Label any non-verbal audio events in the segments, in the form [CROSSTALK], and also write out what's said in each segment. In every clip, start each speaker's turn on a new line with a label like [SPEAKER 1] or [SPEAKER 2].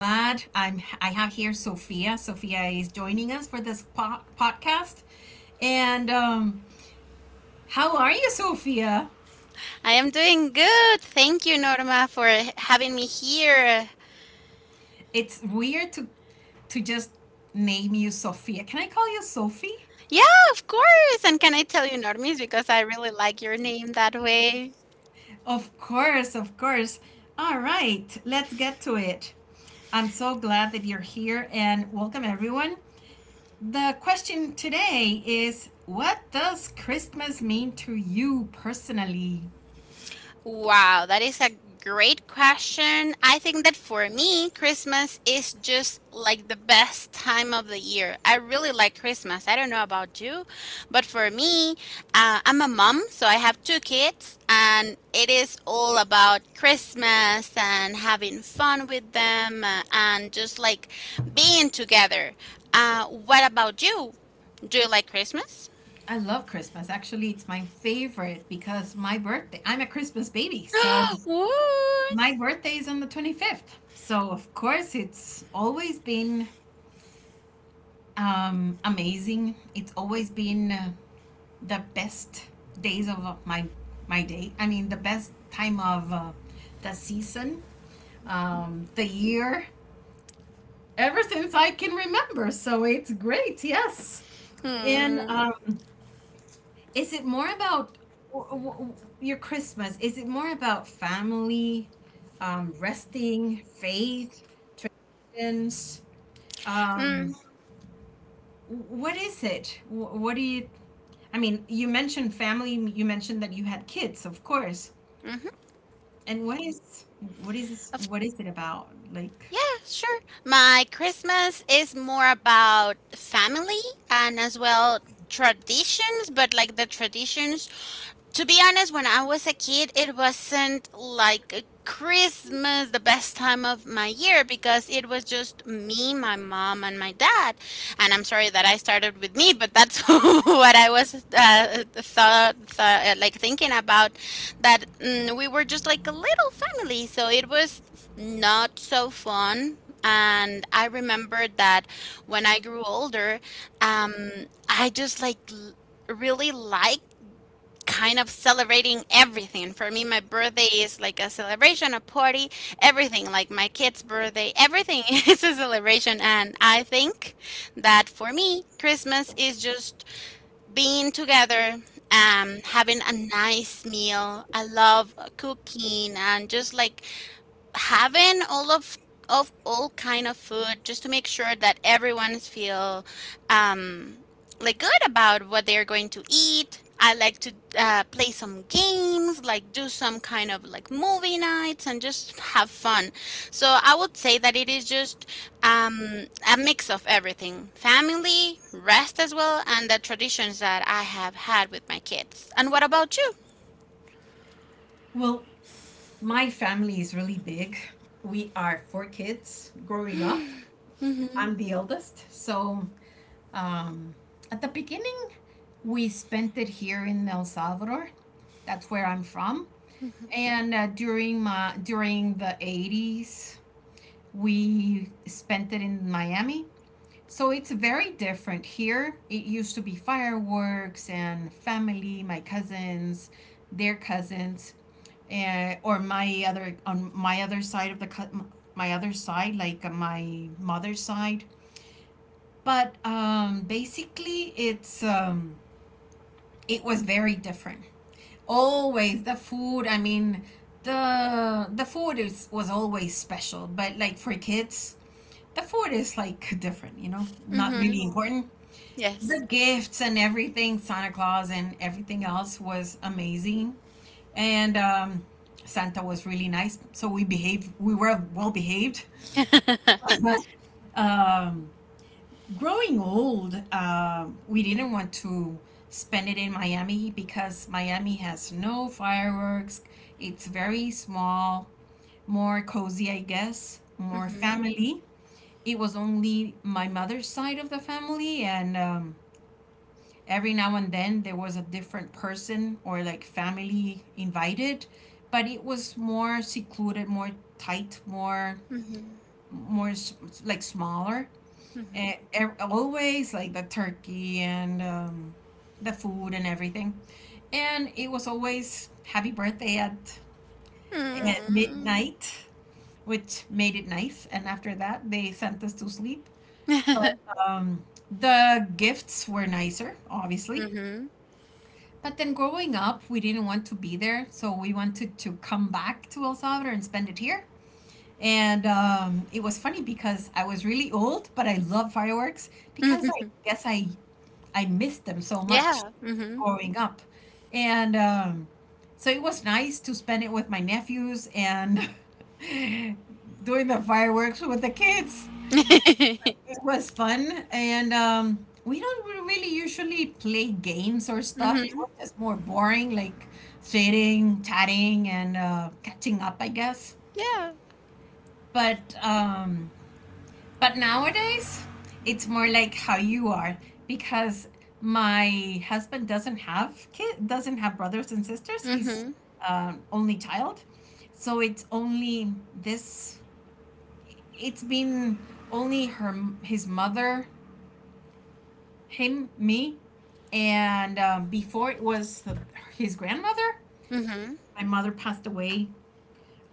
[SPEAKER 1] I'm. I have here Sophia. Sophia is joining us for this podcast. And how are you, Sophia?
[SPEAKER 2] I am doing good. Thank you, Norma, for having me here.
[SPEAKER 1] It's weird to just name you Sophia. Can I call you Sophie?
[SPEAKER 2] Yeah, of course. And can I tell you, Normis, because I really like your name that way.
[SPEAKER 1] Of course, of course. All right, let's get to it. I'm so glad that you're here and welcome everyone. The question today is, what does Christmas mean to you personally?
[SPEAKER 2] Wow, that is a great question. I think that for me, Christmas is just like the best time of the year. I really like Christmas. I don't know about you, but for me, I'm a mom, so I have two kids, and it is all about Christmas and having fun with them and just like being together. What about you? Do you like Christmas?
[SPEAKER 1] I love Christmas. Actually, it's my favorite because my birthday, I'm a Christmas baby. So
[SPEAKER 2] [GASPS] What?
[SPEAKER 1] my birthday is on the 25th. So, of course, it's always been amazing. It's always been the best days of my day. I mean, the best time of the season, the year, ever since I can remember. So it's great, yes. And
[SPEAKER 2] Hmm.
[SPEAKER 1] um, is it more about w- w- w- your Christmas? Is it more about family, resting, faith, traditions?
[SPEAKER 2] Mm.
[SPEAKER 1] Um, what is it? What do you? I mean, you mentioned family. You mentioned that you had kids, of course.
[SPEAKER 2] Mm-hmm.
[SPEAKER 1] And what is it about? Like,
[SPEAKER 2] Yeah, sure. My Christmas is more about family and as well traditions, but like the traditions, to be honest, when I was a kid, it wasn't like a Christmas the best time of my year because it was just me, my mom, and my dad. And I'm sorry that I started with me, but that's [LAUGHS] what I was thought, thought like thinking about that, we were just like a little family, so it was not so fun. And I remember that when I grew older, um, I just like really like kind of celebrating everything. For me, my birthday is like a celebration, a party, everything, like my kid's birthday, everything [LAUGHS] is a celebration. And I think that for me, Christmas is just being together, having a nice meal. I love cooking and just like having all of all kind of food just to make sure that everyone feel um like good about what they're going to eat. I like to play some games, like do some kind of like movie nights and just have fun. So I would say that it is just a mix of everything, family, rest as well, and the traditions that I have had with my kids. And what about you?
[SPEAKER 1] well, my family is really big. We are four kids growing up. I'm the eldest, so um, at the beginning we spent it here in El Salvador. That's where I'm from. And during the '80s, we spent it in Miami. So it's very different here. It used to be fireworks and family, my cousins, their cousins, and or my other on my other side of the my other side, like my mother's side, but basically it was very different. Always the food, I mean, the food is was always special, but like for kids, the food is like different, you know, not
[SPEAKER 2] Mm-hmm.
[SPEAKER 1] really important. The
[SPEAKER 2] Yes.
[SPEAKER 1] gifts and everything, Santa Claus and everything else was amazing, and Santa was really nice, so we were well behaved. um, Growing old, we didn't want to spend it in Miami because Miami has no fireworks. It's very small, more cozy, I guess, more
[SPEAKER 2] Mm-hmm.
[SPEAKER 1] family. It was only my mother's side of the family, and every now and then there was a different person or like family invited, but it was more secluded, more tight, more
[SPEAKER 2] Mm-hmm.
[SPEAKER 1] more s- like smaller. Eh, always like the turkey and the food and everything. And it was always happy birthday at
[SPEAKER 2] Mm.
[SPEAKER 1] midnight, which made it nice. And after that, they sent us to sleep. But
[SPEAKER 2] [LAUGHS]
[SPEAKER 1] the gifts were nicer, obviously.
[SPEAKER 2] Mhm.
[SPEAKER 1] But then growing up, we didn't want to be there. So we wanted to come back to El Salvador and spend it here. And it was funny because I was really old, but I love fireworks because I
[SPEAKER 2] Mhm.
[SPEAKER 1] guess I missed them so much
[SPEAKER 2] Yeah. Mhm.
[SPEAKER 1] growing up. And so it was nice to spend it with my nephews and [LAUGHS] doing the fireworks with the kids.
[SPEAKER 2] [LAUGHS]
[SPEAKER 1] It was fun. And we don't really usually play games or stuff. It
[SPEAKER 2] Mhm.
[SPEAKER 1] was just more boring, like sitting, chatting, and catching up, I guess.
[SPEAKER 2] Yeah.
[SPEAKER 1] But but nowadays, it's more like how you are, because my husband doesn't have kid, doesn't have brothers and sisters. He's
[SPEAKER 2] Mhm.
[SPEAKER 1] only child, so it's only this. It's been only her, his mother, him, me, and before it was his grandmother.
[SPEAKER 2] Mhm.
[SPEAKER 1] My mother passed away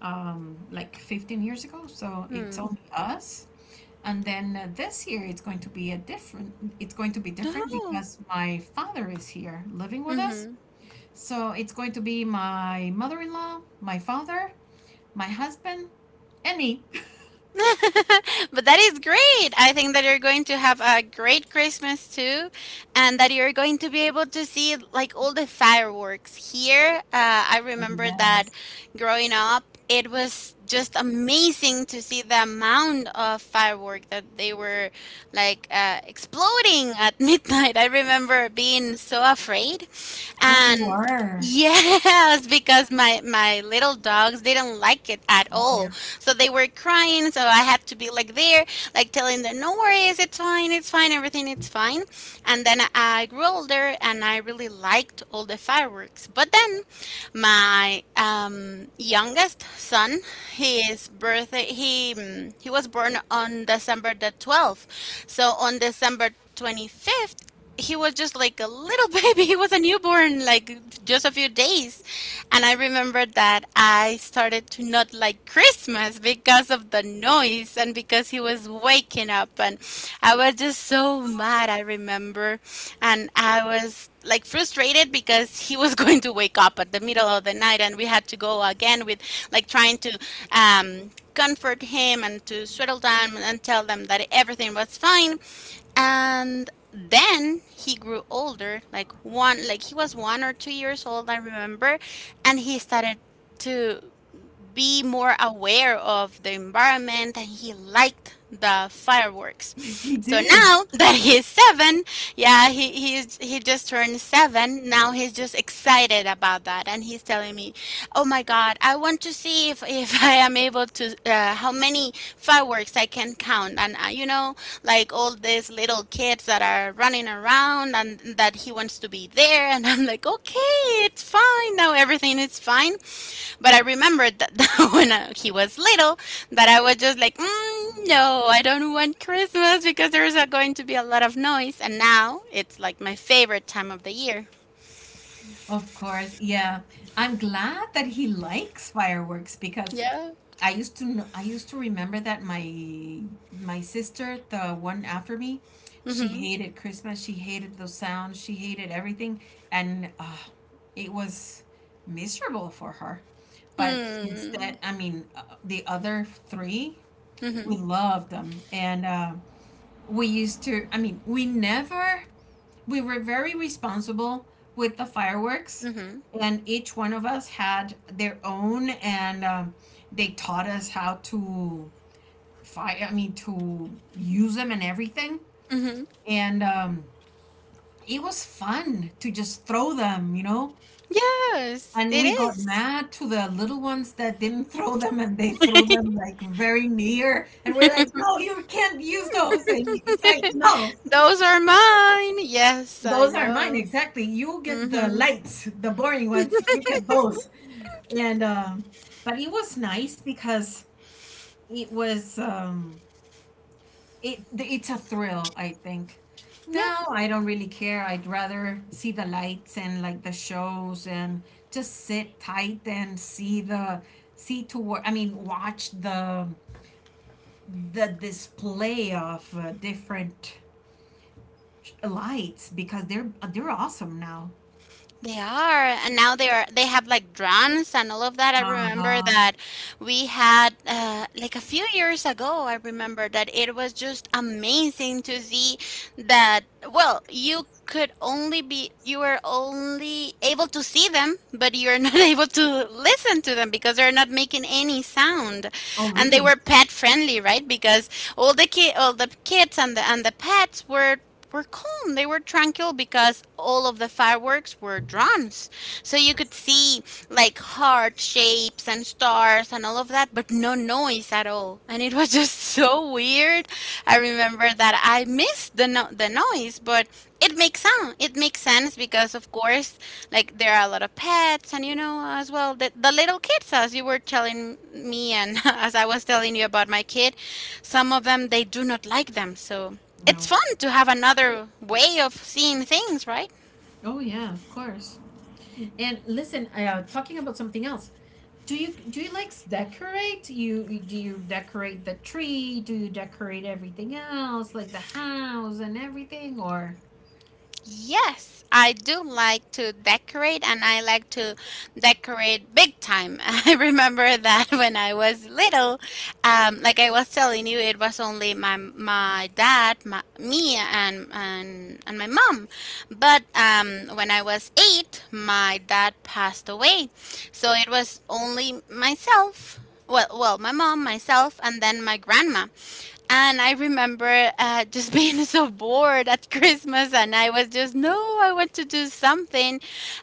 [SPEAKER 1] like 15 years ago. So it's only
[SPEAKER 2] Hmm.
[SPEAKER 1] us. And then this year it's going to be a different, it's going to be different
[SPEAKER 2] Oh.
[SPEAKER 1] because my father is here living with us.
[SPEAKER 2] Mhm.
[SPEAKER 1] So it's going to be my mother-in-law, my father, my husband, and me. [LAUGHS]
[SPEAKER 2] [LAUGHS] But that is great. I think that you're going to have a great Christmas too, and that you're going to be able to see like all the fireworks here. I
[SPEAKER 1] Oh,
[SPEAKER 2] remember that
[SPEAKER 1] yes.
[SPEAKER 2] growing up, it was just amazing to see the amount of firework that they were exploding at [LAUGHS] midnight. I remember being so afraid,
[SPEAKER 1] Oh, you
[SPEAKER 2] and [LAUGHS]
[SPEAKER 1] were.
[SPEAKER 2] yes, because my little dogs didn't like it at
[SPEAKER 1] Oh, yeah.
[SPEAKER 2] all. So they were crying. So I had to be like there, like telling them, no worries, it's fine, everything it's fine. And then I grew older and I really liked all the fireworks. But then my youngest son, his birthday, he he was born on December the 12th. So on December 25th, he was just like a little [LAUGHS] baby. He was a newborn, like just a few days. And I remember that I started to not like Christmas because of the noise and because he was waking up. And I was just so mad. I remember, and I was like frustrated because he was [LAUGHS] going to wake up at the middle of the night, and we had to go again with like trying to comfort him and to settle down and tell them that everything was fine. And then he grew older, like one, like he was 1 or 2 years old, I remember, and he started to be more aware of the environment, and he liked the fireworks.
[SPEAKER 1] [LAUGHS] He
[SPEAKER 2] So
[SPEAKER 1] did.
[SPEAKER 2] now [LAUGHS] that he's seven, yeah, he just turned seven. Now he's just excited about that, and he's telling me, "Oh my God, I want to see if [LAUGHS] I am able to how many fireworks I can count." And like all these little kids that are running around, and that he wants to be there, and I'm like, "Okay, it's fine now. Everything is fine." But I remembered that [LAUGHS] when he was little, that I was just like, no, I don't want Christmas because there's going to be a lot of noise. And now it's like my favorite time of the year.
[SPEAKER 1] Of course, yeah. I'm glad that he likes fireworks because
[SPEAKER 2] Yeah.
[SPEAKER 1] I used to know, I used to remember that my sister, the one after me, she
[SPEAKER 2] Mm-hmm.
[SPEAKER 1] hated Christmas. She hated those sounds. She hated everything, and it was miserable for her. But
[SPEAKER 2] Mm.
[SPEAKER 1] instead, I mean, the other three,
[SPEAKER 2] Mm-hmm.
[SPEAKER 1] we loved them, and we used to. I mean, we never we were very responsible with the fireworks,
[SPEAKER 2] Mm-hmm.
[SPEAKER 1] and each one of us had their own, and they taught us how to fire, I mean, to use them and everything,
[SPEAKER 2] Mm-hmm.
[SPEAKER 1] and it was fun to just throw them, you know.
[SPEAKER 2] Yes,
[SPEAKER 1] And
[SPEAKER 2] it
[SPEAKER 1] we got
[SPEAKER 2] is.
[SPEAKER 1] mad to the little ones that didn't [LAUGHS] throw them, and they threw them like very near, and we're like, no, you can't use those. And it's like, no,
[SPEAKER 2] Those are mine. Yes, I
[SPEAKER 1] those are mine,
[SPEAKER 2] know.
[SPEAKER 1] exactly. You get the
[SPEAKER 2] Mm-hmm.
[SPEAKER 1] lights, the boring ones. You get both. And but it was nice because it was it it's a thrill, I think.
[SPEAKER 2] Yeah.
[SPEAKER 1] Now I don't really care. I'd rather see the lights and like the shows and just sit tight and see the see toward, I mean, watch the display of different lights because they're awesome now.
[SPEAKER 2] They are, and now they have like drums and all of that. I remember
[SPEAKER 1] Uh-huh.
[SPEAKER 2] that we had like a few years ago, I remember that it was just amazing to see that, well, you were only able to see them, but you're not [LAUGHS] able to listen to them because they're not making any sound.
[SPEAKER 1] Oh,
[SPEAKER 2] And they
[SPEAKER 1] really?
[SPEAKER 2] were pet friendly, right? Because all the kids and the pets were calm. They were tranquil because all of the fireworks were drums. So you could see like heart shapes and stars and all of that, but no noise at all. And it was [LAUGHS] just so weird. I remember that I missed the no- the noise, but it makes sense. It makes sense because, of course, like there are a lot of pets, and you know as well the little kids, as you were telling me, and [LAUGHS] as I was telling you about my kid, some of them they do not like them. So it's
[SPEAKER 1] No.
[SPEAKER 2] fun to have another way of seeing things, right?
[SPEAKER 1] Oh yeah, of course. And listen, talking about something else. Do you like decorate? Do you decorate the tree? Do you decorate everything else, like the house and everything, or
[SPEAKER 2] Yes, I do like to decorate, and I like to decorate big time. [LAUGHS] I remember that when I was little, like I was telling you, it was only my dad, me and my mom. But when I was 8, my dad passed away. So it was only myself well well my mom, myself, and then my grandma. And I remember just [LAUGHS] being so bored at Christmas, and I was just, no, I want to do something.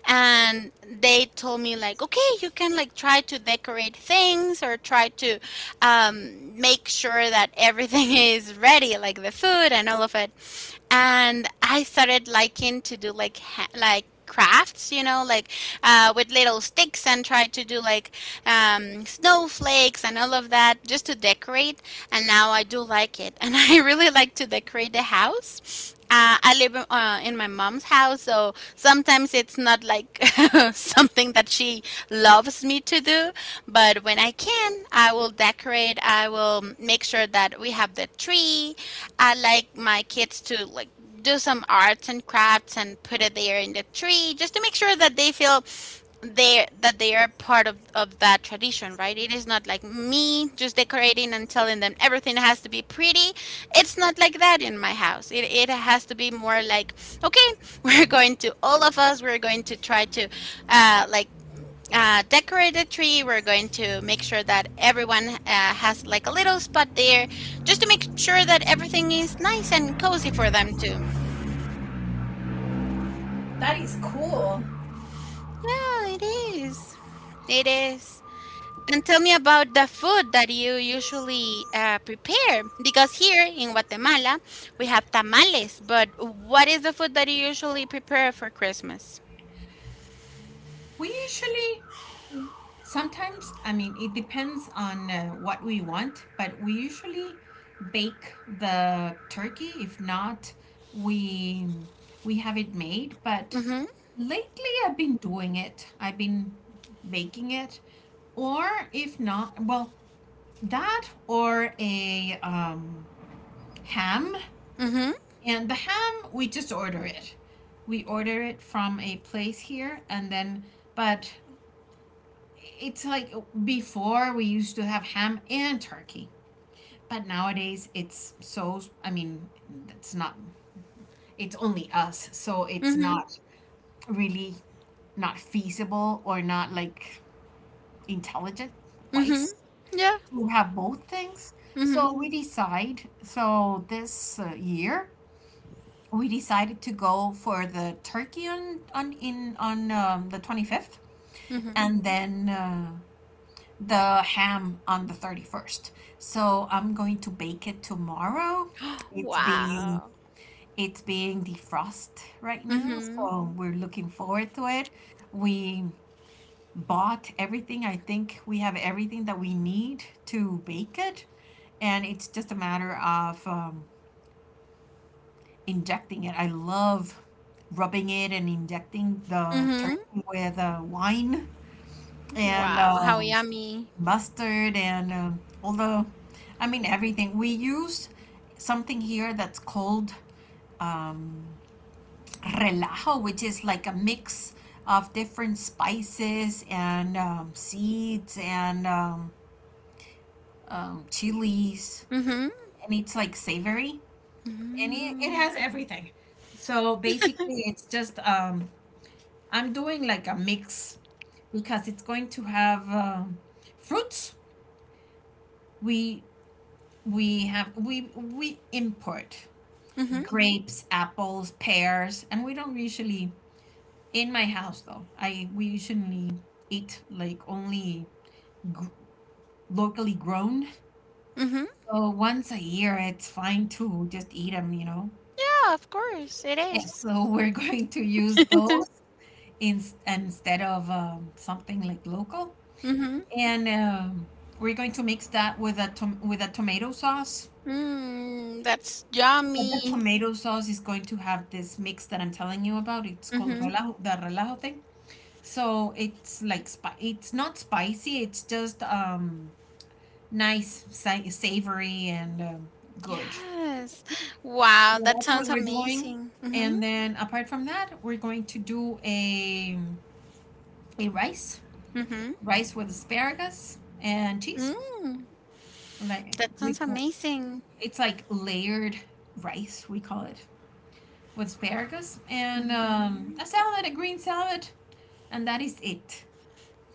[SPEAKER 2] And they told me, like, okay, you can like try to decorate things or try to make sure that everything [LAUGHS] is ready, like the food and all of it. And I started liking to do like like crafts, like with little sticks and try to do like snowflakes and all of that, just to decorate, and now I do like it. [LAUGHS] And I really like to decorate the house. I live in my mom's house, so sometimes it's not like [LAUGHS] something that she loves me to do. But when I can, I will decorate. I will make sure that we have the tree. I like my kids to like do some arts and crafts and put it there in the tree, just to make sure that they feel they that they are part of that tradition, right? It is not like me just decorating and telling them everything has to be pretty. It's not like that in my house. It has to be more like, okay, [LAUGHS] we're going to try to uh like uh, decorate the tree. We're going to make sure that everyone has like a little spot there, just to make sure that everything is nice and cozy for them too.
[SPEAKER 1] that is cool.
[SPEAKER 2] Yeah, it is. It is. And tell me about the food that you usually prepare. Because here in Guatemala, we have tamales, but what is the food that you usually prepare for Christmas?
[SPEAKER 1] We usually sometimes, I mean, it depends on what we want, but we usually bake the turkey. If not, we we have it made, but
[SPEAKER 2] Mm-hmm.
[SPEAKER 1] lately I've been doing it. I've been baking it. Or if not, well, that or a ham.
[SPEAKER 2] Mm-hmm.
[SPEAKER 1] And the ham, we just order it. We order it from a place here, and then, but it's like before we used to have ham and turkey, but nowadays it's so, I mean, it's not, it's only us, so it's
[SPEAKER 2] Mm-hmm.
[SPEAKER 1] not really not feasible or not like intelligent
[SPEAKER 2] Mm-hmm.
[SPEAKER 1] wise
[SPEAKER 2] Yeah.
[SPEAKER 1] to have both things.
[SPEAKER 2] Mm-hmm.
[SPEAKER 1] So we decide, so this year we decided to go for the turkey on in on the 25th,
[SPEAKER 2] Mm-hmm.
[SPEAKER 1] and then the ham on the 31st. So I'm going to bake it tomorrow. It's being
[SPEAKER 2] Wow.
[SPEAKER 1] it's being defrost right now,
[SPEAKER 2] Mm-hmm.
[SPEAKER 1] so we're looking forward to it. We bought everything. I think we have everything that we need to bake it, and it's just a matter of injecting it. I love rubbing it and injecting the
[SPEAKER 2] Mm-hmm.
[SPEAKER 1] turkey with wine and
[SPEAKER 2] Wow. How yummy.
[SPEAKER 1] mustard and all the, I mean, everything. We use something here that's called um, relajo, which is like a mix of different spices and seeds and chilies,
[SPEAKER 2] Mm-hmm.
[SPEAKER 1] and it's like savory, and it
[SPEAKER 2] Mm-hmm.
[SPEAKER 1] has everything. So basically, it's just I'm doing like a mix because it's going to have fruits. We we have we import
[SPEAKER 2] Mm-hmm.
[SPEAKER 1] grapes, apples, pears, and we don't usually in my house though. I we usually eat like only gr locally grown.
[SPEAKER 2] Mm-hmm.
[SPEAKER 1] So once a year, it's fine to just eat them, you know.
[SPEAKER 2] Yeah, of course, it
[SPEAKER 1] And [LAUGHS]
[SPEAKER 2] is.
[SPEAKER 1] so we're going to use those in, instead of something like local,
[SPEAKER 2] Mm-hmm.
[SPEAKER 1] and we're going to mix that with a with a tomato sauce.
[SPEAKER 2] Mm, that's
[SPEAKER 1] But the
[SPEAKER 2] yummy.
[SPEAKER 1] tomato sauce is going to have this mix that I'm telling you about. It's called
[SPEAKER 2] Mm-hmm.
[SPEAKER 1] relajo, the relajo thing. So it's like it's not spicy, it's just nice, savory and good.
[SPEAKER 2] Yes.
[SPEAKER 1] So
[SPEAKER 2] Wow, that
[SPEAKER 1] that's what
[SPEAKER 2] sounds
[SPEAKER 1] we're doing.
[SPEAKER 2] amazing. Mm-hmm.
[SPEAKER 1] And then apart from that, we're going to do a rice,
[SPEAKER 2] Mm-hmm.
[SPEAKER 1] rice with asparagus and cheese.
[SPEAKER 2] Mm,
[SPEAKER 1] Like
[SPEAKER 2] that
[SPEAKER 1] we
[SPEAKER 2] sounds
[SPEAKER 1] call
[SPEAKER 2] amazing.
[SPEAKER 1] it's like layered rice, we call it, with asparagus and
[SPEAKER 2] Mhm.
[SPEAKER 1] a salad, a green salad, and that is it.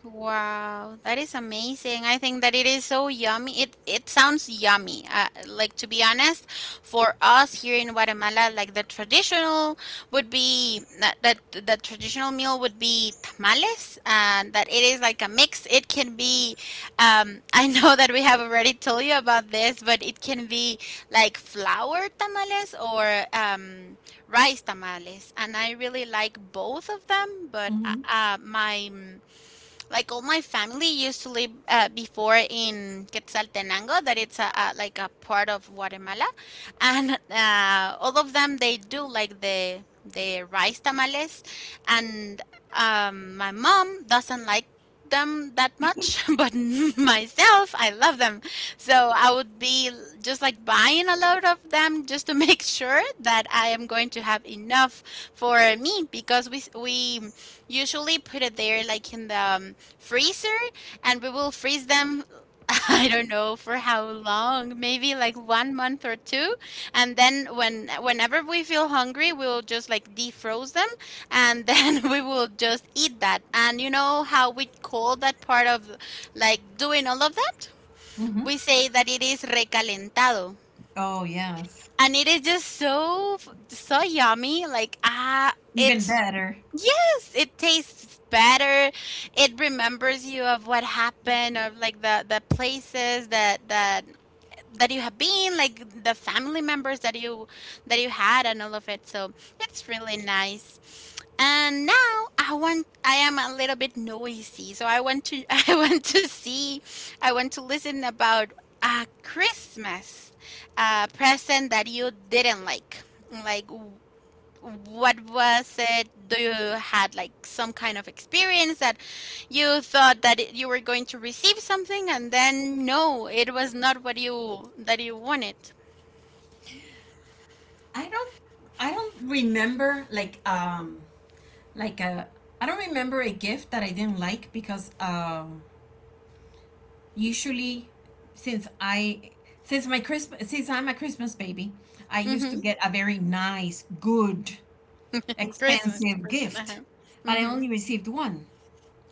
[SPEAKER 2] Wow, that is amazing. I think that it is so yummy. It sounds yummy. Like, to be honest, for us here in Guatemala, like the traditional meal would be tamales, and that it is like a mix. It can be, [LAUGHS] I know that we have already told you about this, but it can be like flour tamales or rice tamales, and I really like both of them. But
[SPEAKER 1] Mm-hmm.
[SPEAKER 2] my like all my family used to live before in Quetzaltenango, that it's a part of Guatemala, and all of them they do like the rice tamales, and my mom doesn't like them that much, [LAUGHS] but myself I love them, so I would be just like buying a lot of them, just to [LAUGHS] make sure that I am going to have enough for me, because we usually put it there like in the freezer, and we will freeze them [LAUGHS] I don't know for how long, maybe like one month or two. And then whenever we feel hungry, we'll just like defroze them and then [LAUGHS] we will just eat that. And you know how we call that part of like doing all of that?
[SPEAKER 1] Mm-hmm.
[SPEAKER 2] We say that it is recalentado.
[SPEAKER 1] Oh yes,
[SPEAKER 2] And it is just so yummy. Like, ah
[SPEAKER 1] even
[SPEAKER 2] it's
[SPEAKER 1] better.
[SPEAKER 2] yes, it tastes better. It remembers you of what happened or like the places that you have been, like the family members that you had and all of it. So it's really nice. And now I am a little bit noisy. So I want to [LAUGHS] I want to listen about a Christmas present that you didn't like. Like, what was it? Do you had like some kind of experience that you thought that you were going to receive something and then no, it was not what you that you wanted.
[SPEAKER 1] I don't I don't remember like a I don't remember a gift that I didn't like because usually since I since my Christmas since I'm a Christmas baby, I used to
[SPEAKER 2] Mm-hmm.
[SPEAKER 1] get a very nice, good,
[SPEAKER 2] Christmas
[SPEAKER 1] expensive
[SPEAKER 2] present.
[SPEAKER 1] gift,
[SPEAKER 2] Uh-huh.
[SPEAKER 1] but I
[SPEAKER 2] Mm-hmm.
[SPEAKER 1] only received one.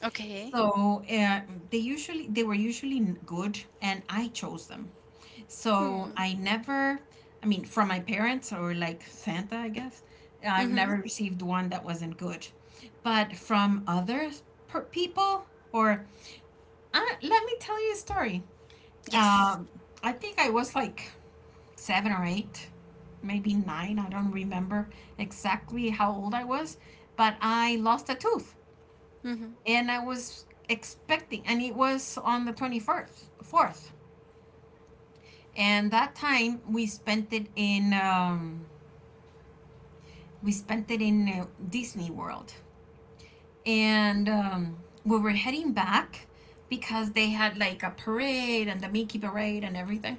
[SPEAKER 2] Okay.
[SPEAKER 1] So they usually they were usually good, and I chose them. So
[SPEAKER 2] Mm.
[SPEAKER 1] I never, I mean, from my parents or like Santa, I guess, I've
[SPEAKER 2] Mm-hmm.
[SPEAKER 1] never received one that wasn't good. But from other people, or let me tell you a story.
[SPEAKER 2] Yes.
[SPEAKER 1] Um, I think I was like seven or eight, maybe nine. I don't remember exactly how old I was, but I lost a tooth
[SPEAKER 2] Mm-hmm.
[SPEAKER 1] and I was expecting, and it was on the 21st, fourth, and that time we spent it in we spent it in Disney World, and we were heading back because they had like a parade and the Mickey parade and everything.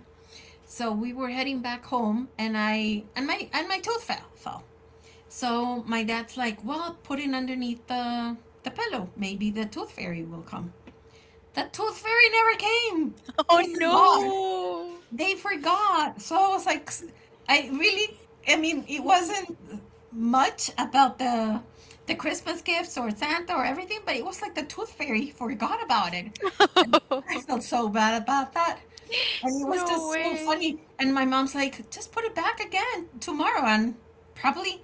[SPEAKER 1] So we were heading back home, and I and my tooth fell. So my dad's like, well, put it underneath the pillow. Maybe the tooth fairy will come. That Tooth Fairy never came. They
[SPEAKER 2] Oh
[SPEAKER 1] forgot. They forgot. So I was like, I really, I mean, it wasn't much about the Christmas gifts or Santa or everything, but it was like the Tooth Fairy forgot about it, and
[SPEAKER 2] no.
[SPEAKER 1] I
[SPEAKER 2] [LAUGHS]
[SPEAKER 1] felt so bad about that. And it was
[SPEAKER 2] No
[SPEAKER 1] just so
[SPEAKER 2] way.
[SPEAKER 1] funny. And my mom's like, just put it back again tomorrow, and probably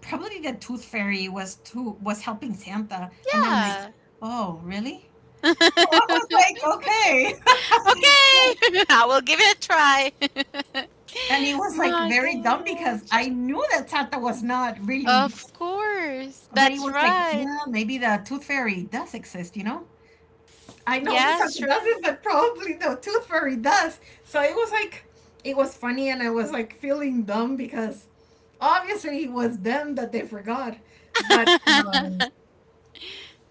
[SPEAKER 1] probably the Tooth Fairy was helping Santa, and I'm like,
[SPEAKER 2] Yeah.
[SPEAKER 1] oh, really? I was like, okay.
[SPEAKER 2] Okay. [LAUGHS] I will give it a try.
[SPEAKER 1] [LAUGHS] And he
[SPEAKER 2] [LAUGHS]
[SPEAKER 1] was like
[SPEAKER 2] My
[SPEAKER 1] very dumb, because I
[SPEAKER 2] gosh.
[SPEAKER 1] knew that Santa was not really,
[SPEAKER 2] Of course.
[SPEAKER 1] but he
[SPEAKER 2] That's
[SPEAKER 1] was like,
[SPEAKER 2] right.
[SPEAKER 1] well, maybe the Tooth Fairy does exist, you know? I know the
[SPEAKER 2] Yeah,
[SPEAKER 1] Santa
[SPEAKER 2] sure.
[SPEAKER 1] doesn't, but probably the Tooth Fairy does. So it was funny, and I was like feeling dumb, because obviously it was them that they forgot. But um,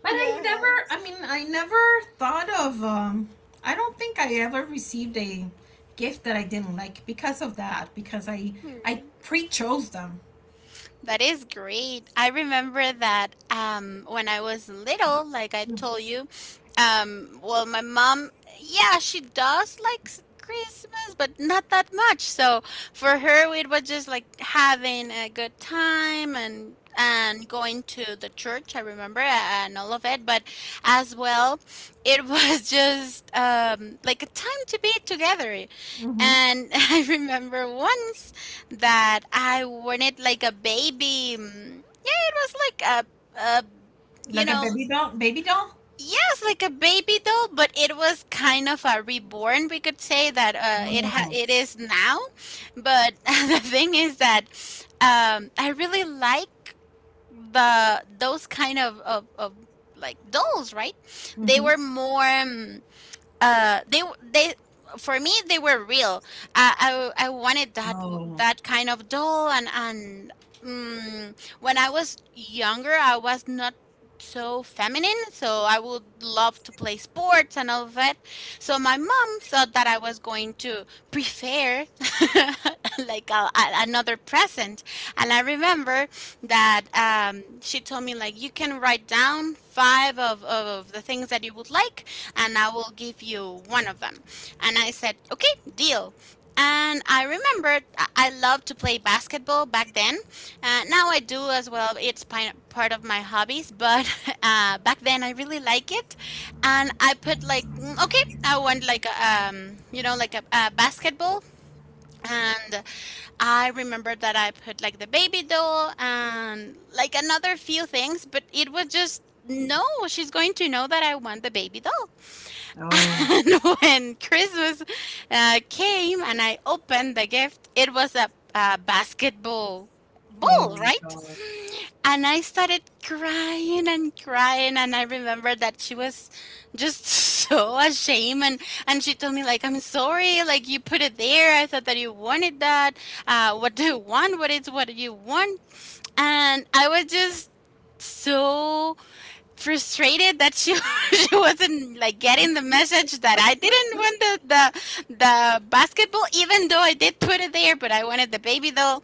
[SPEAKER 1] But I've
[SPEAKER 2] Yes.
[SPEAKER 1] never thought I don't think I ever received a gift that I didn't like because of that, because I
[SPEAKER 2] Hmm.
[SPEAKER 1] pre-chose them.
[SPEAKER 2] That is great. I remember that when I was little, like I told you, well, my mom, yeah, she does like Christmas, but not that much. So for her, it was just like having a good time and going to the church. I remember and all of it, but as well, it [LAUGHS] was just like a time to be together.
[SPEAKER 1] Mm-hmm.
[SPEAKER 2] And [LAUGHS] I remember once that I wanted like a baby. It was like a you
[SPEAKER 1] Like a
[SPEAKER 2] know,
[SPEAKER 1] baby doll, baby doll?
[SPEAKER 2] yes, like a baby doll, but it was kind of a reborn. We could say that it ha-
[SPEAKER 1] Oh,
[SPEAKER 2] it is now, but [LAUGHS] the thing is that I really like the those kind of like dolls, right? They
[SPEAKER 1] mm-hmm.
[SPEAKER 2] were more. They for me, they were real. I wanted that
[SPEAKER 1] oh,
[SPEAKER 2] that kind of doll, and when I was younger, I was not so feminine, so I would love to play sports and all of that. So my mom thought that I was going to prefer [LAUGHS] like another present. And I remember that she told me, like, you can write down five of the things that you would like, and I will give you one of them. And I said, okay, deal. And I remembered I loved to play basketball back then. Now I do as well. It's part of my hobbies, but [LAUGHS] back then I really like it. And I put like, okay, I want like a, like a basketball. And I remember that I put like the baby doll and like another few things, but it was just no, she's going to know that I want the baby doll.
[SPEAKER 1] oh,
[SPEAKER 2] And [LAUGHS] when Christmas came and I opened the gift, it was a basketball
[SPEAKER 1] oh
[SPEAKER 2] ball,
[SPEAKER 1] my
[SPEAKER 2] right?
[SPEAKER 1] God.
[SPEAKER 2] And I started crying and crying. And I remember that she was just [LAUGHS] so ashamed. And she told me, like, I'm sorry, like, you put it there. I thought that you wanted that. What do you want? What is what you want? And I was just so frustrated that she [LAUGHS] she wasn't like getting the message that I didn't want the basketball, even though I did put it there, but I wanted the baby though.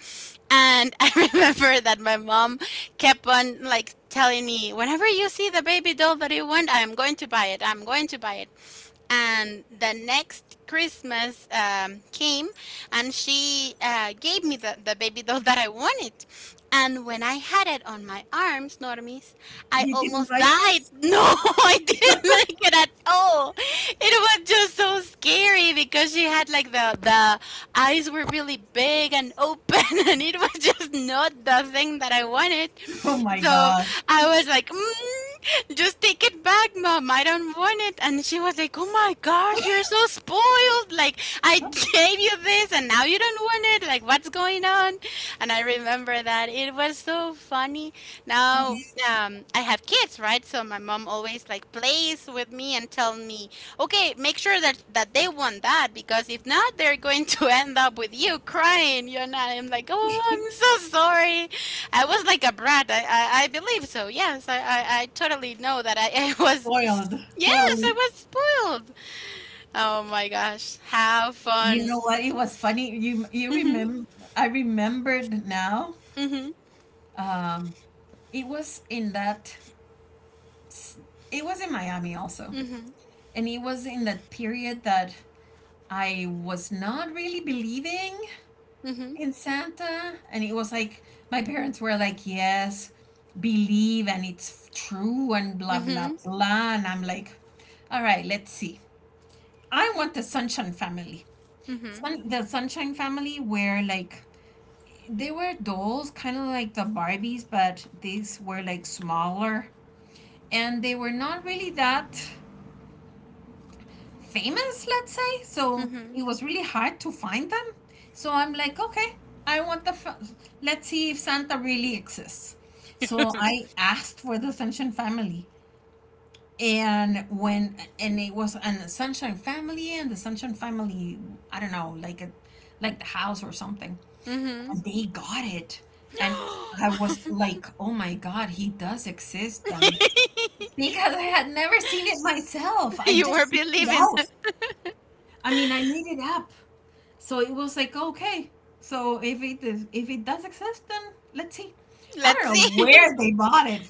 [SPEAKER 2] And [LAUGHS] I remember that my mom kept on like telling me, whenever you see the baby doll that you want, I'm going to buy it. I'm going to buy it. And the next Christmas came, and she gave me the baby doll that I wanted. And when I had it on my arms, Normis, I
[SPEAKER 1] You didn't
[SPEAKER 2] almost
[SPEAKER 1] like
[SPEAKER 2] died. [LAUGHS]
[SPEAKER 1] it? [LAUGHS]
[SPEAKER 2] No, I didn't like it at all. It was just so scary because she had like the eyes were really big and open, [LAUGHS] and it was just not the thing that I wanted.
[SPEAKER 1] Oh my
[SPEAKER 2] So
[SPEAKER 1] God.
[SPEAKER 2] I was like, "Mm, just take it back, mom. I don't want it." And she was like, oh my gosh, you're so spoiled. Like, I [LAUGHS] gave you this and now you don't want it. Like, what's going on? And I remember that. It was so funny. Now, I have kids, right? So my mom always like plays with me and tell me, okay, make sure that they want that, because if not, they're going [LAUGHS] to end up with you crying. You know, and I'm like, oh, I'm so sorry. I was like a brat. I believe so. Yes, I totally know that I, [LAUGHS] I was.
[SPEAKER 1] Spoiled,
[SPEAKER 2] Yes,
[SPEAKER 1] totally.
[SPEAKER 2] I was spoiled. Oh my gosh, how
[SPEAKER 1] You
[SPEAKER 2] fun!
[SPEAKER 1] know what? It was funny. You
[SPEAKER 2] Mhm,
[SPEAKER 1] remember? I remembered now.
[SPEAKER 2] mhm,
[SPEAKER 1] Um, it was in that it was in Miami also.
[SPEAKER 2] mhm,
[SPEAKER 1] And it was in that period that I was not really believing
[SPEAKER 2] mhm,
[SPEAKER 1] in Santa. And it was like, my parents were like, yes, believe, and it's true, and blah, blah,
[SPEAKER 2] mhm,
[SPEAKER 1] blah. And I'm like, all right, let's see. I want the Sunshine Family.
[SPEAKER 2] mhm,
[SPEAKER 1] The Sunshine Family, where like, they were dolls, kind of like the Barbies, but these were like smaller. And they were not really that famous, let's say. So
[SPEAKER 2] mhm,
[SPEAKER 1] it was really hard to find them. So I'm like, okay, I want the. Fa- let's see if Santa really exists. So I asked for the Sunshine Family, and it was an Sunshine Family and the Sunshine Family, I don't know, like the house or something,
[SPEAKER 2] mhm.
[SPEAKER 1] and they got it. And I
[SPEAKER 2] [GASPS]
[SPEAKER 1] was like, oh my God, he does exist then. Because I had never seen it myself. I
[SPEAKER 2] You were
[SPEAKER 1] just made it
[SPEAKER 2] believing.
[SPEAKER 1] out. I mean, I made it up. So it was like, okay. So if it does exist, then let's see.
[SPEAKER 2] [LAUGHS]
[SPEAKER 1] I don't
[SPEAKER 2] Let's
[SPEAKER 1] know
[SPEAKER 2] see.
[SPEAKER 1] where they bought it,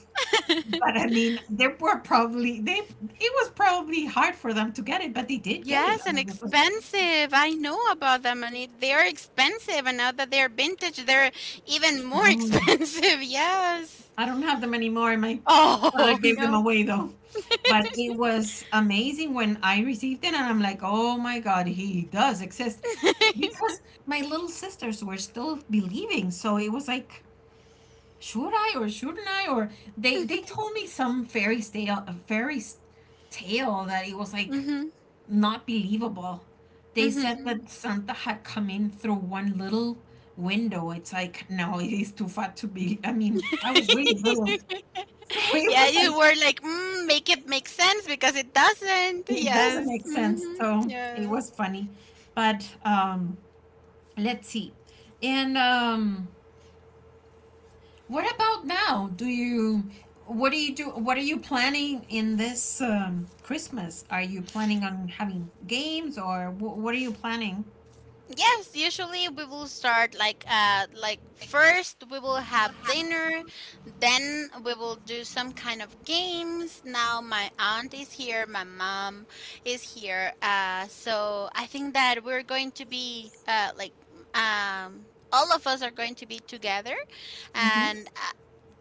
[SPEAKER 1] but I mean, they were probably they. It was probably hard for them to get it, but they did get it.
[SPEAKER 2] Yes,
[SPEAKER 1] And
[SPEAKER 2] and
[SPEAKER 1] I was like,
[SPEAKER 2] expensive. I know about them, and they are expensive. And now that they're vintage, they're even more [LAUGHS]
[SPEAKER 1] oh,
[SPEAKER 2] expensive. Yes.
[SPEAKER 1] I don't have them anymore. My father
[SPEAKER 2] Oh [LAUGHS]
[SPEAKER 1] gave them
[SPEAKER 2] no.
[SPEAKER 1] away though. But it was amazing when I received it, and I'm like, oh my God, he does exist, because my little sisters were still believing. So it was like, should I or shouldn't I? Or they told me some fairy tale, a fairy tale that it was like
[SPEAKER 2] Mhm.
[SPEAKER 1] not believable. They said
[SPEAKER 2] Mhm.
[SPEAKER 1] that Santa had come in through one little window. It's like, no, it is too fat to be. I mean, I was really little, [LAUGHS] so it
[SPEAKER 2] Yeah,
[SPEAKER 1] was
[SPEAKER 2] you
[SPEAKER 1] like
[SPEAKER 2] were like, "Mm, make it make sense because it doesn't."
[SPEAKER 1] it doesn't
[SPEAKER 2] Yes.
[SPEAKER 1] make sense.
[SPEAKER 2] Hmm.
[SPEAKER 1] So it
[SPEAKER 2] Yeah.
[SPEAKER 1] was funny, but let's see, and. What about now? Do you what do you do what are you planning in this Christmas? Are you planning on having games, or what are you planning?
[SPEAKER 2] Yes, usually we will start like first we will have dinner, then we will do some kind of games. Now my aunt is here, my mom is here. So I think that we're going to be all of us are going to be together,
[SPEAKER 1] Mm-hmm.
[SPEAKER 2] and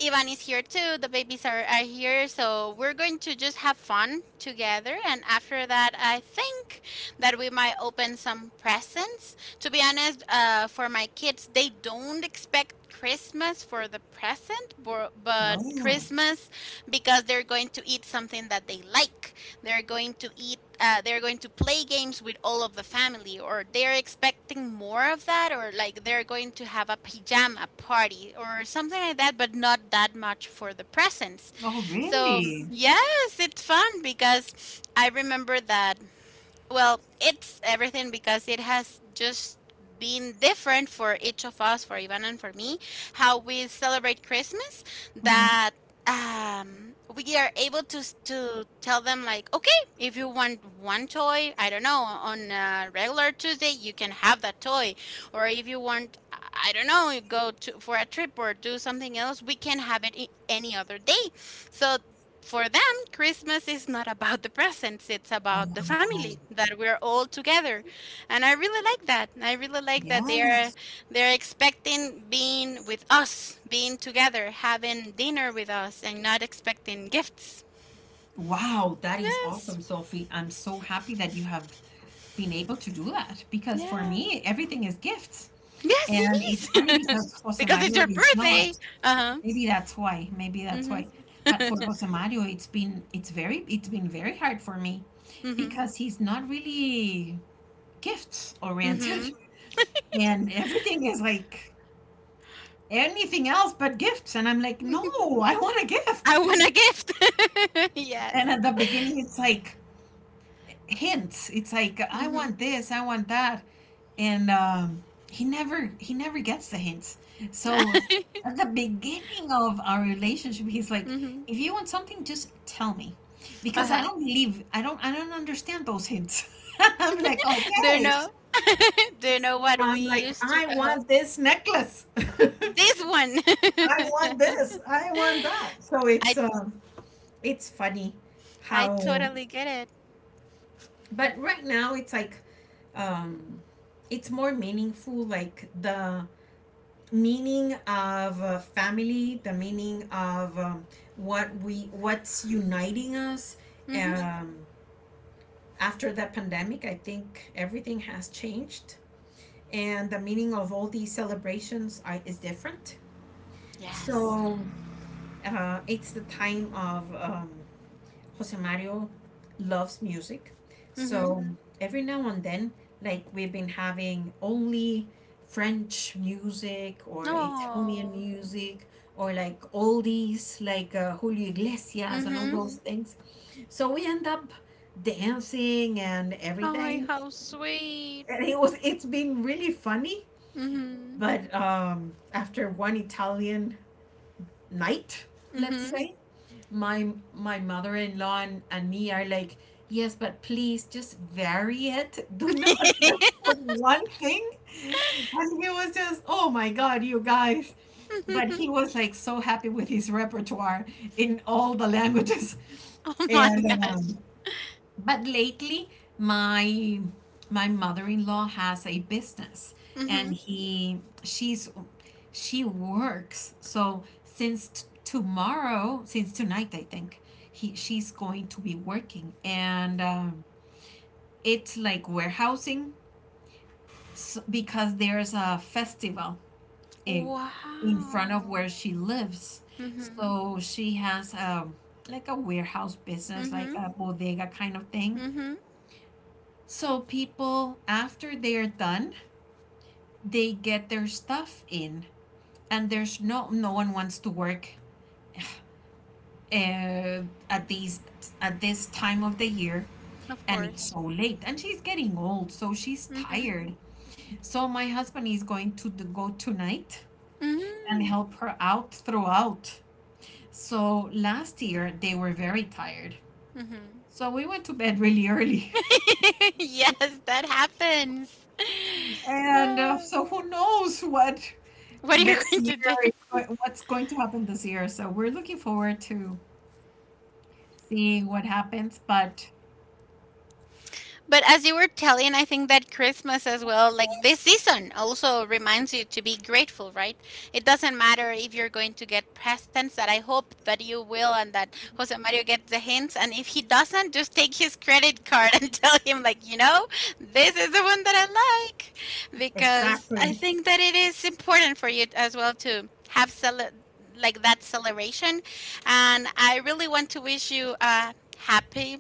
[SPEAKER 2] Ivan is here too. The babies are here, so we're going to just have fun together. And after that, I think that we might open some presents. To be honest, for my kids, they don't expect Christmas for the present, but
[SPEAKER 1] Oh.
[SPEAKER 2] Christmas because they're going to eat something that they like. They're going to they're going to play games with all of the family, or they're expecting more of that, or like they're going to have a pajama party or something like that, but not that much for the presents.
[SPEAKER 1] Oh,
[SPEAKER 2] So,
[SPEAKER 1] really?
[SPEAKER 2] yes, it's fun because I remember that, well, it's everything because it has just been different for each of us, for Ivan and for me, how we celebrate Christmas.
[SPEAKER 1] Mm-hmm.
[SPEAKER 2] That we are able to to tell them, like, okay, if you want one toy, I don't know, on a regular Tuesday, you can have that toy, or if you want, I don't know, go to for a trip or do something else, we can have it any other day. So for them, Christmas is not about the presents, it's about the
[SPEAKER 1] Oh,
[SPEAKER 2] family that we're all together. And I really like that. I really like that they're
[SPEAKER 1] yes.
[SPEAKER 2] they're expecting being with us, being together, having dinner with us and not expecting gifts.
[SPEAKER 1] Wow, that is
[SPEAKER 2] Yes.
[SPEAKER 1] awesome, Sophie. I'm so happy that you have been able to do that, because for
[SPEAKER 2] Yeah.
[SPEAKER 1] me, everything is gifts.
[SPEAKER 2] Yes, it
[SPEAKER 1] And it's funny,
[SPEAKER 2] is.
[SPEAKER 1] because
[SPEAKER 2] [LAUGHS]
[SPEAKER 1] Jose
[SPEAKER 2] because it's
[SPEAKER 1] Mario
[SPEAKER 2] your
[SPEAKER 1] is
[SPEAKER 2] birthday.
[SPEAKER 1] not.
[SPEAKER 2] Uh-huh.
[SPEAKER 1] Maybe that's why. Maybe that's
[SPEAKER 2] Mm-hmm.
[SPEAKER 1] why. But for Jose Mario, it's been very hard for me,
[SPEAKER 2] Mm-hmm.
[SPEAKER 1] because he's not really gifts oriented,
[SPEAKER 2] Mm-hmm.
[SPEAKER 1] [LAUGHS] and everything is like anything else but gifts. And I'm like, no, I want a gift.
[SPEAKER 2] I want a gift. [LAUGHS]
[SPEAKER 1] And
[SPEAKER 2] Yes.
[SPEAKER 1] at the beginning, it's like hints. It's like, I
[SPEAKER 2] Mm-hmm.
[SPEAKER 1] want this, I want that, and he never gets the hints. So
[SPEAKER 2] [LAUGHS]
[SPEAKER 1] at the beginning of our relationship, he's like,
[SPEAKER 2] Mm-hmm.
[SPEAKER 1] "If you want something, just tell me, because I
[SPEAKER 2] Uh-huh.
[SPEAKER 1] don't believe I don't I don't understand those hints." [LAUGHS] I'm like,
[SPEAKER 2] Do you
[SPEAKER 1] "Okay."
[SPEAKER 2] know? [LAUGHS] Do you know what we
[SPEAKER 1] I'm like,
[SPEAKER 2] used to?
[SPEAKER 1] "I
[SPEAKER 2] Uh-huh.
[SPEAKER 1] want this necklace. [LAUGHS] I
[SPEAKER 2] This one.
[SPEAKER 1] want this. I want that." So
[SPEAKER 2] [LAUGHS]
[SPEAKER 1] it's
[SPEAKER 2] I
[SPEAKER 1] um, it's funny
[SPEAKER 2] I
[SPEAKER 1] how,
[SPEAKER 2] totally get it.
[SPEAKER 1] but right now um it's more meaningful, like the meaning of family, the meaning of what's uniting us
[SPEAKER 2] Mhm.
[SPEAKER 1] um after the pandemic. I think everything has changed, and the meaning of all these celebrations is different,
[SPEAKER 2] Yes.
[SPEAKER 1] so it's the time of Jose Mario loves music. So,
[SPEAKER 2] Mhm.
[SPEAKER 1] mhm, every now and then, like, we've been having only French music or Italian
[SPEAKER 2] Oh.
[SPEAKER 1] music or like oldies, like Julio Iglesias and all
[SPEAKER 2] Mhm.
[SPEAKER 1] those things. So we end up dancing and
[SPEAKER 2] Oh,
[SPEAKER 1] everything.
[SPEAKER 2] how sweet.
[SPEAKER 1] And it's been really funny.
[SPEAKER 2] Mhm.
[SPEAKER 1] But after one Italian night,
[SPEAKER 2] Mhm.
[SPEAKER 1] let's
[SPEAKER 2] [LAUGHS]
[SPEAKER 1] say, my my mother-in-law and me are like, yes, but please just vary it, do not [LAUGHS] put one thing. And he was just, oh my God, you guys, but he was like so happy with his repertoire in all the languages.
[SPEAKER 2] Oh my
[SPEAKER 1] And
[SPEAKER 2] gosh.
[SPEAKER 1] but lately my my mother-in-law has a business, and
[SPEAKER 2] Mhm.
[SPEAKER 1] he she's she works. So since t- tomorrow since tonight, I think he she's going to be working. And it's like warehousing, s because there's a festival in in front of
[SPEAKER 2] Wow.
[SPEAKER 1] where she lives,
[SPEAKER 2] Mhm.
[SPEAKER 1] so she has a, like a warehouse business, like
[SPEAKER 2] Mhm.
[SPEAKER 1] a bodega kind of thing.
[SPEAKER 2] Mhm.
[SPEAKER 1] So people, after they're done, they get their stuff in, and there's no one wants to work uh, at these at this time of the year,
[SPEAKER 2] Of
[SPEAKER 1] and it's
[SPEAKER 2] course.
[SPEAKER 1] so late, and she's getting old, so she's
[SPEAKER 2] Mhm.
[SPEAKER 1] tired. So my husband is going to go tonight and
[SPEAKER 2] Mhm.
[SPEAKER 1] help her out throughout. So last year they were very tired.
[SPEAKER 2] Mhm.
[SPEAKER 1] So we went to bed really early. [LAUGHS]
[SPEAKER 2] [LAUGHS] Yes, that happens. [LAUGHS]
[SPEAKER 1] And
[SPEAKER 2] Yeah.
[SPEAKER 1] so who knows what
[SPEAKER 2] What are you [LAUGHS]
[SPEAKER 1] this
[SPEAKER 2] going to
[SPEAKER 1] year,
[SPEAKER 2] do?
[SPEAKER 1] what- what's going to happen this year. So we're looking forward to seeing what happens, but
[SPEAKER 2] But as you were telling, I think that Christmas as well, like this season, also reminds you to be grateful, right? It doesn't matter if you're going to get presents, that I hope that you will, and that Jose Mario gets the hints. And if he doesn't, just take his credit card [LAUGHS] and tell him, like, this is the one that I like. Because I
[SPEAKER 1] exactly.
[SPEAKER 2] think that it is important for you as well to have like that celebration. And I really want to wish you a happy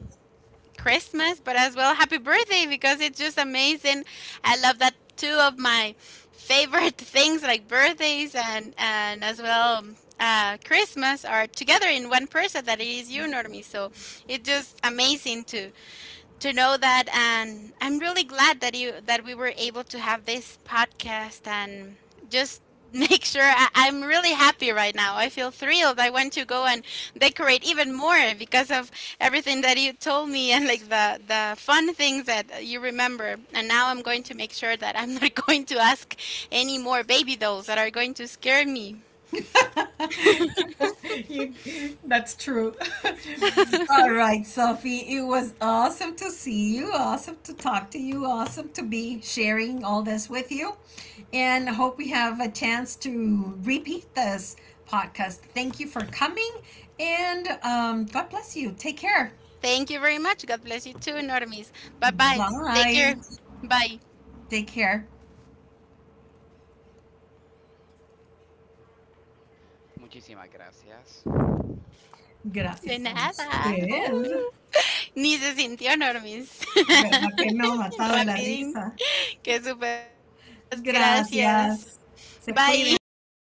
[SPEAKER 2] Christmas, but as well happy birthday because it's just amazing. I love that two of my favorite [LAUGHS] things like birthdays and as well Christmas are together in one person that it is you, Normie. So it's just amazing to know that, and I'm really glad that you that we were able to have this podcast and just [LAUGHS] make sure. I'm really happy right now. I feel thrilled. I want to go and decorate even more because of everything that you told me and like the fun things that you remember. And now I'm going to make sure that I'm [LAUGHS] not going to ask any more baby dolls that are going to scare me.
[SPEAKER 1] [LAUGHS] That's true. [LAUGHS] All right, Sophie, it was awesome to see you, awesome to talk to you, awesome to be sharing all this with you. And I hope we have a chance to repeat this podcast. Thank you for coming, and God bless you. Take care.
[SPEAKER 2] Thank you very much. God bless you too, Normis. Bye, bye. Take
[SPEAKER 1] Bye.
[SPEAKER 2] care. Bye.
[SPEAKER 1] Take care.
[SPEAKER 2] De
[SPEAKER 1] Gracias a
[SPEAKER 2] nada.
[SPEAKER 1] usted.
[SPEAKER 2] Ooh. Ni se sintió, Normis.
[SPEAKER 1] ¿Verdad que no,
[SPEAKER 2] [LAUGHS]
[SPEAKER 1] matado de la
[SPEAKER 2] Rapidín.
[SPEAKER 1] risa?
[SPEAKER 2] ¡Qué súper! Gracias.
[SPEAKER 1] Gracias. Se cuidan.
[SPEAKER 2] Bye.